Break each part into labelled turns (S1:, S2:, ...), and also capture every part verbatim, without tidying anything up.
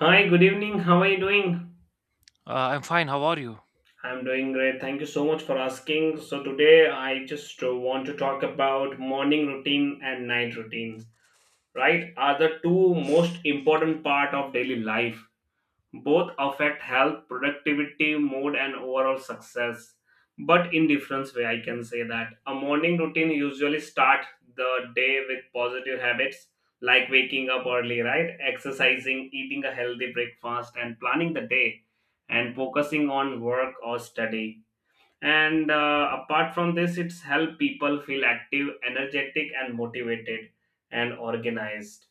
S1: Hi, good evening. How are you doing?
S2: Uh, I'm fine. How are you?
S1: I'm doing great. Thank you so much for asking. So, today I just uh, want to talk about morning routine and night routines, right? Are the two most important part of daily life. Both affect health, productivity, mood, and overall success, but in different way. I can say that a morning routine usually start the day with positive habits like waking up early, right? Exercising, eating a healthy breakfast, and planning the day and focusing on work or study, and uh, apart from this it's help people feel active energetic and motivated and organized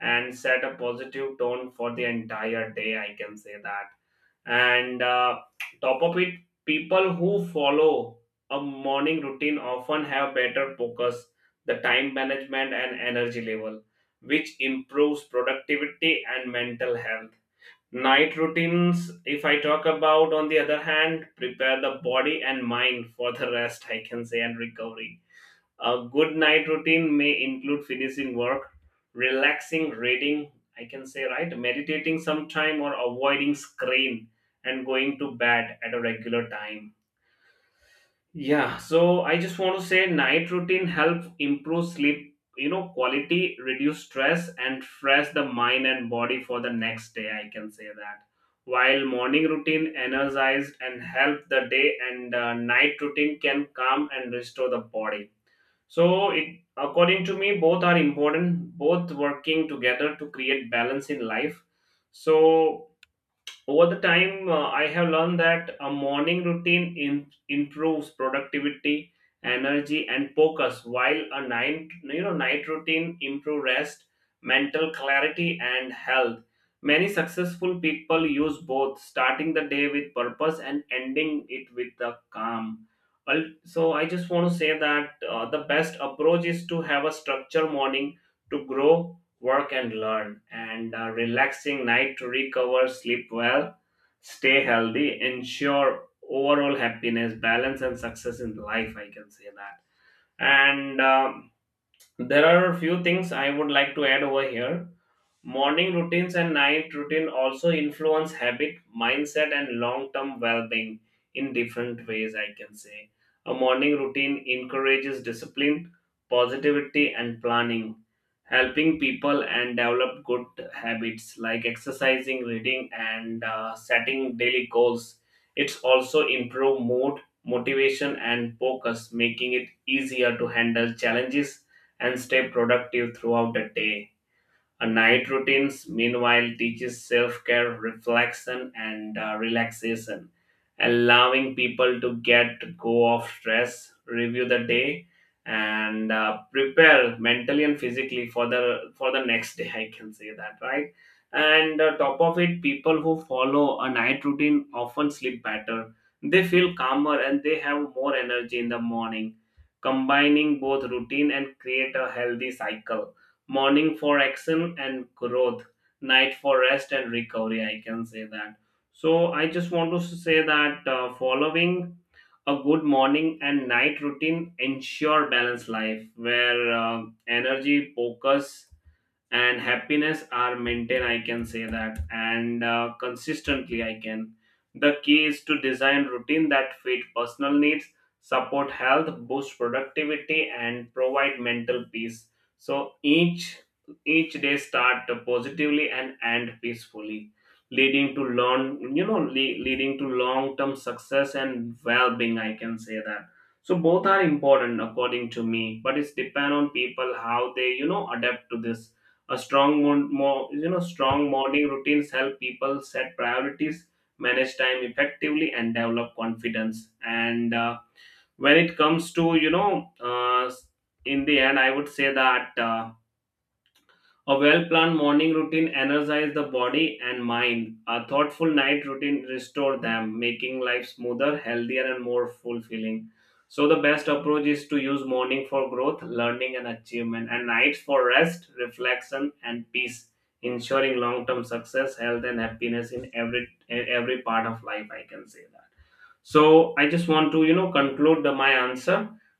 S1: and set a positive tone for the entire day, I can say that. And uh, top of it, people who follow a morning routine often have better focus, the time management and energy level, which improves productivity and mental health. Night routines, if I talk about, on the other hand, prepare the body and mind for the rest, I can say, and recovery. A good night routine may include finishing work, relaxing, reading, I can say, right, meditating sometime, or avoiding screen and going to bed at a regular time. Yeah, so I just want to say night routine help improve sleep, you know, quality, reduce stress, and fresh the mind and body for the next day. I can say that. While morning routine energized and help the day, and uh, night routine can calm and restore the body. So, it according to me, both are important. Both working together to create balance in life. So over the time uh, I have learned that a morning routine in, improves productivity, energy and focus, while a night you know night routine improve rest, mental clarity and health. Many successful people use both, starting the day with purpose and ending it with the calm. Al- so I just want to say that uh, the best approach is to have a structured morning to grow, work and learn, and a relaxing night to recover, sleep well, stay healthy, ensure overall happiness, balance, and success in life. I can say that. And um, there are a few things I would like to add over here. Morning routines and night routine also influence habit, mindset, and long term well being in different ways, I can say. A morning routine encourages discipline, positivity, and planning, helping people and develop good habits like exercising, reading, and uh, setting daily goals. It's also improve mood, motivation, and focus, making it easier to handle challenges and stay productive throughout the day. A night routines, meanwhile, teaches self care, reflection, and uh, relaxation, allowing people to get go of stress, review the day, and uh, prepare mentally and physically for the for the next day. I can say that, right. And uh, top of it, people who follow a night routine often sleep better. They feel calmer and they have more energy in the morning. Combining both routine and create a healthy cycle, morning for action and growth, night for rest and recovery, I can say that. So I just want to say that uh, following a good morning and night routine ensure balanced life where uh, energy, focus and happiness are maintained, I can say that, and uh, consistently I can. The key is to design routine that fit personal needs, support health, boost productivity and provide mental peace, so each each day start positively and end peacefully, leading to long you know le- leading to long term success and well-being, I can say that. So both are important according to me, but it's depend on people how they you know adapt to this. A strong, mon- mo- you know, strong morning routines help people set priorities, manage time effectively, and develop confidence. And uh, when it comes to, you know, uh, in the end, I would say that. Uh, a well planned morning routine energizes the body and mind. A thoughtful night routine restores them, making life smoother, healthier, and more fulfilling. So, the best approach is to use morning for growth, learning, and achievement, and nights for rest, reflection, and peace, ensuring long term success, health, and happiness in every, every part of life. I can say that. So I just want to, you know, conclude the- my answer,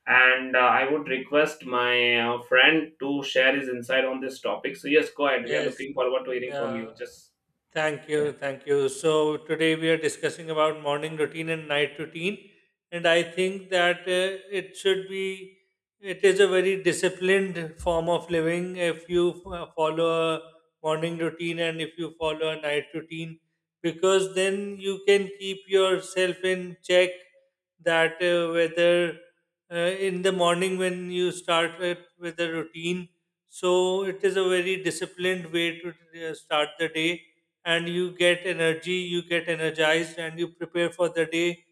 S1: and uh, I would request my uh, friend to share his insight on this topic. So yes, go ahead. We are
S3: Yes,
S1: looking forward to hearing from
S3: yeah,
S1: you. Just
S3: thank you, thank you. So today we are discussing about morning routine and night routine, and I think that uh, it should be it is a very disciplined form of living if you f- uh, follow a morning routine and if you follow a night routine because then you can keep yourself in check that uh, whether uh, in the morning when you start with, with a routine. So it is a very disciplined way to uh, start the day, and you get energy, you get energized, and you prepare for the day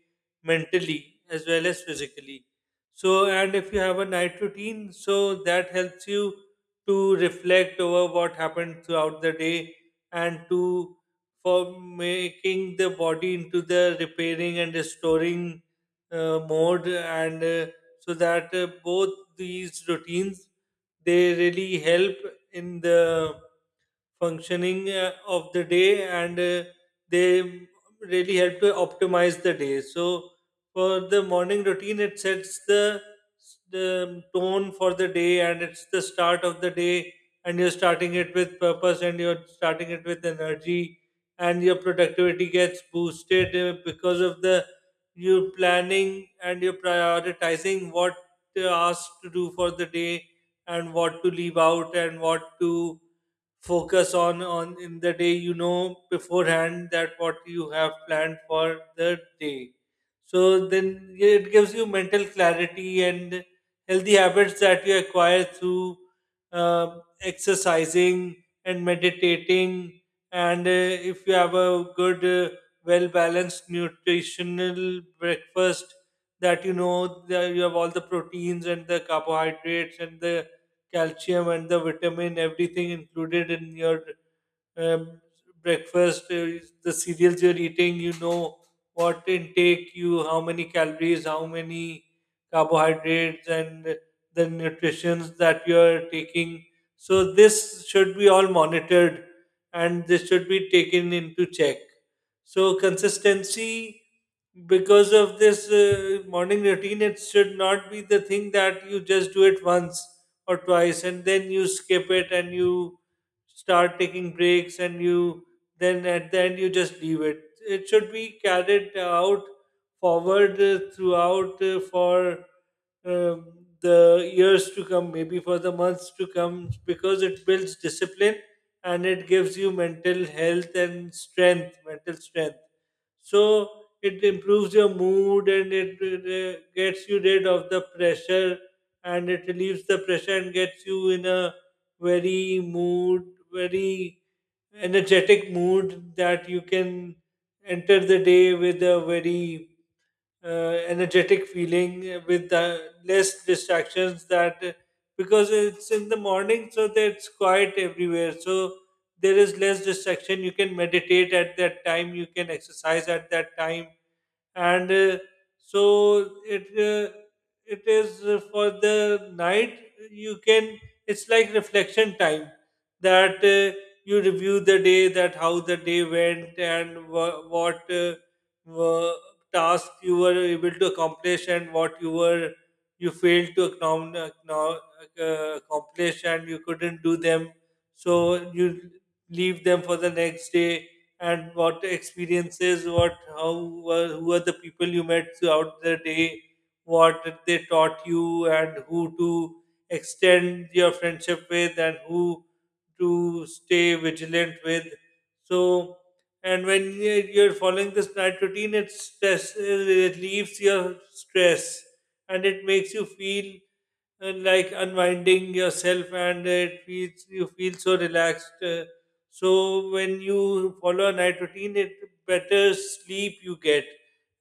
S3: mentally as well as physically. So, and if you have a night routine, so that helps you to reflect over what happened throughout the day, and to for making the body into the repairing and restoring uh, mode. And uh, so that uh, Both these routines, they really help in the functioning uh, of the day, and uh, they really help to optimize the day. So for the morning routine, it sets the, the tone for the day, and it's the start of the day, and you're starting it with purpose, and you're starting it with energy, and your productivity gets boosted uh, because of the you're planning and you're prioritizing what uh, asked to do for the day, and what to leave out, and what to focus on on in the day. You know beforehand that what you have planned for the day, so then it gives you mental clarity and healthy habits that you acquire through uh, exercising and meditating. And uh, if you have a good uh, well balanced nutritional breakfast, that you know that you have all the proteins and the carbohydrates and the calcium and the vitamin everything included in your um, breakfast, uh, the cereals you're eating, you know what intake you, how many calories, how many carbohydrates, and the nutritions that you're taking. So this should be all monitored, and this should be taken into check. So consistency, because of this uh, morning routine, it should not be the thing that you just do it once or twice and then you skip it and you start taking breaks, and you then at the end you just leave it. It should be carried out forward uh, throughout uh, for um, the years to come, maybe for the months to come, because it builds discipline and it gives you mental health and strength, mental strength. So it improves your mood and it uh, gets you rid of the pressure, and it relieves the pressure and gets you in a very mood, very energetic mood, that you can enter the day with a very uh, energetic feeling uh, with uh, less distractions. That because it's in the morning, so that it's quiet everywhere, so there is less distraction. You can meditate at that time, you can exercise at that time. And uh, so it uh, It is uh, for the night, you can, it's like reflection time. That uh, You review the day, that how the day went and wha- what uh, wha- task you were able to accomplish and what you were you failed to acknow- acknow- uh, accomplish and you couldn't do them. So you leave them for the next day. And what experiences, what how were who are the people you met throughout the day, what they taught you, and who to extend your friendship with, and who to stay vigilant with. So, and when you- you're following this night routine, it stress it relieves your stress, and it makes you feel uh, like unwinding yourself, and it feels you feel so relaxed. Uh, so when you follow a night routine, it better sleep you get.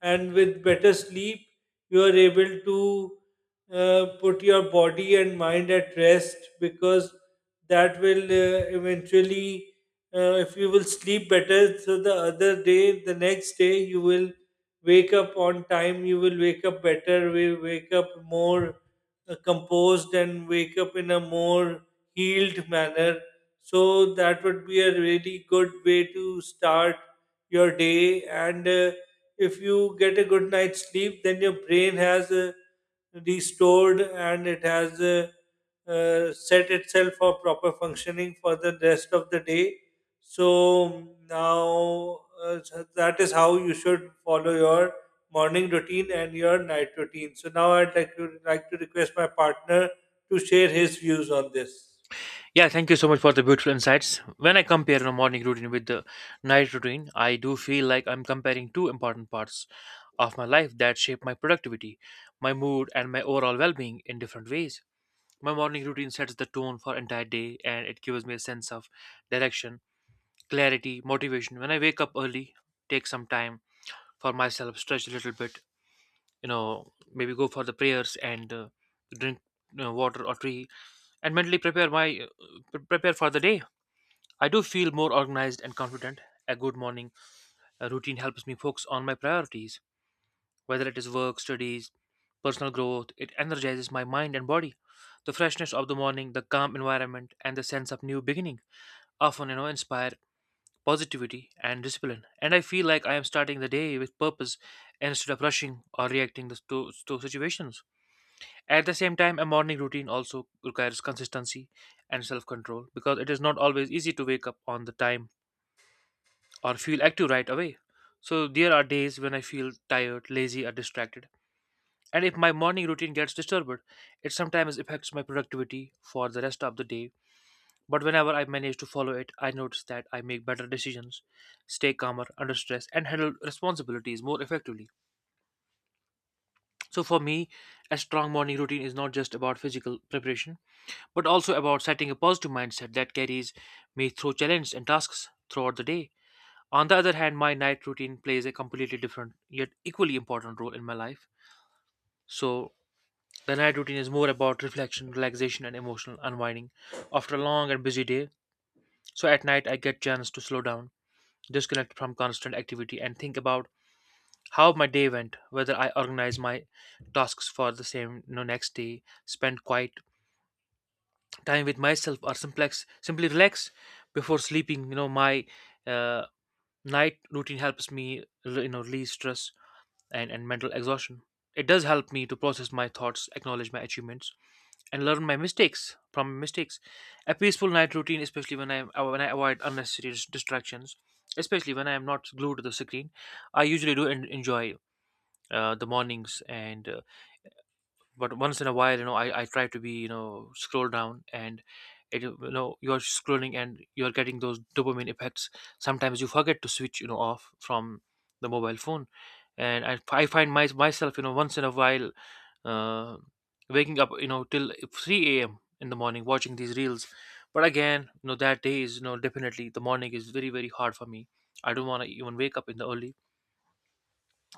S3: And with better sleep, you are able to uh, put your body and mind at rest, because that will uh, eventually, uh, if you will sleep better, so the other day, the next day, you will wake up on time. You will wake up better. We wake up more uh, composed and wake up in a more healed manner. So that would be a really good way to start your day. And uh, If you get a good night's sleep, then your brain has uh, restored and it has uh, uh, set itself for proper functioning for the rest of the day. So now uh, so that is how you should follow your morning routine and your night routine. So now I'd like to like to request my partner to share his views on this.
S2: Yeah, thank you so much for the beautiful insights. When I compare a morning routine with the night routine, I do feel like I'm comparing two important parts of my life that shape my productivity, my mood, and my overall well being in different ways. My morning routine sets the tone for entire day and it gives me a sense of direction, clarity, motivation. When I wake up early, take some time for myself, stretch a little bit, you know, maybe go for the prayers and uh, drink you know, water or tea and mentally prepare my uh, prepare for the day. I do feel more organized and confident. A good morning uh, routine helps me focus on my priorities, whether it is work, studies, personal growth. It energizes my mind and body. The freshness of the morning, the calm environment, and the sense of new beginning often, you know, inspire positivity and discipline. And I feel like I am starting the day with purpose instead of rushing or reacting to, to situations. At the same time, a morning routine also requires consistency and self control because it is not always easy to wake up on the time or feel active right away. So, there are days when I feel tired, lazy, or distracted. And if my morning routine gets disturbed, it sometimes affects my productivity for the rest of the day. But whenever I manage to follow it, I notice that I make better decisions, stay calmer under stress, and handle responsibilities more effectively. So for me, a strong morning routine is not just about physical preparation, but also about setting a positive mindset that carries me through challenges and tasks throughout the day. On the other hand, my night routine plays a completely different yet equally important role in my life. So, the night routine is more about reflection, relaxation, and emotional unwinding after a long and busy day. So, at night, I get chance to slow down, disconnect from constant activity, and think about how my day went, whether I organized my tasks for the same you know, next day, spent quiet time with myself, or simplex simply relax before sleeping. You know, my uh, night routine helps me re- you know release stress and, and mental exhaustion. It does help me to process my thoughts, acknowledge my achievements, and learn my mistakes from mistakes. A peaceful night routine, especially when I when I avoid unnecessary dis- distractions, especially when I am not glued to the screen, I usually do en- enjoy uh, the mornings and uh, but once in a while you know i, I try to be you know scroll down and it, you know you're scrolling and you're getting those dopamine effects sometimes you forget to switch you know off from the mobile phone and i, I find my, myself you know once in a while uh, waking up you know till three a.m in the morning watching these reels but again you know that day is you know definitely the morning is very very hard for me. I don't want to even wake up in the early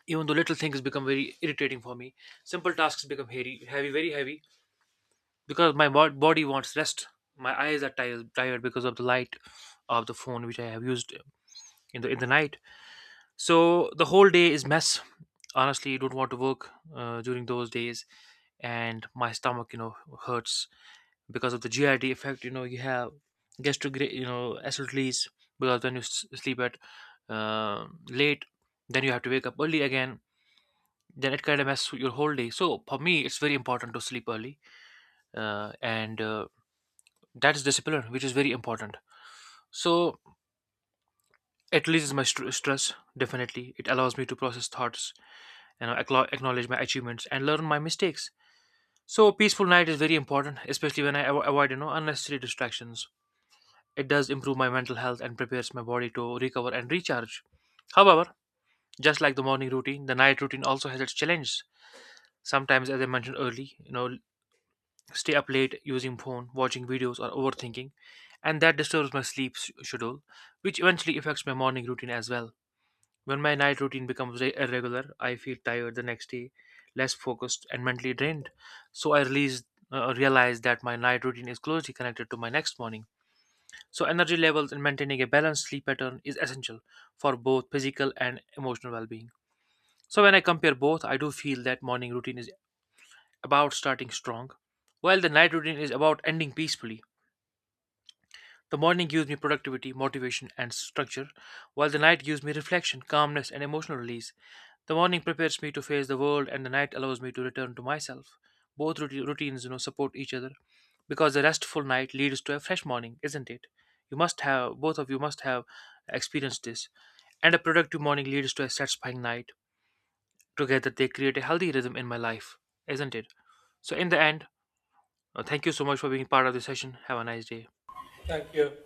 S2: even though little things become very irritating for me. Simple tasks become heavy, heavy, very heavy because my bod- body wants rest. My eyes are tired, tired because of the light of the phone which I have used in the in the night. So the whole day is mess. Honestly, I don't want to work uh, during those days, and my stomach, you know, hurts because of the G I D effect. You know, you have gastro, you know, acid release because when you s- sleep at uh, late, then you have to wake up early again. Then it kind of messes with your whole day. So for me, it's very important to sleep early, uh, and uh, that is discipline, which is very important. So it releases my str stress, definitely. It allows me to process thoughts, you know, acknow- acknowledge my achievements and learn my mistakes. So a peaceful night is very important, especially when I avo- avoid, you know, unnecessary distractions. It does improve my mental health and prepares my body to recover and recharge. However, just like the morning routine, the night routine also has its challenges. Sometimes, as I mentioned early, you know, stay up late using phone, watching videos, or overthinking, and that disturbs my sleep s- schedule, which eventually affects my morning routine as well. When my night routine becomes re- irregular, I feel tired the next day, less focused, and mentally drained. So I release, uh, realize that my night routine is closely connected to my next morning. So energy levels and maintaining a balanced sleep pattern is essential for both physical and emotional well-being. So when I compare both, I do feel that morning routine is about starting strong, while the night routine is about ending peacefully. The morning gives me productivity, motivation, and structure, while the night gives me reflection, calmness, and emotional release. The morning prepares me to face the world, and the night allows me to return to myself. Both routi- routines, you know, support each other because a restful night leads to a fresh morning, isn't it? You must have both of you must have experienced this, and a productive morning leads to a satisfying night. Together, they create a healthy rhythm in my life, isn't it? So, in the end, uh, thank you so much for being part of this session. Have a nice day.
S3: Thank you.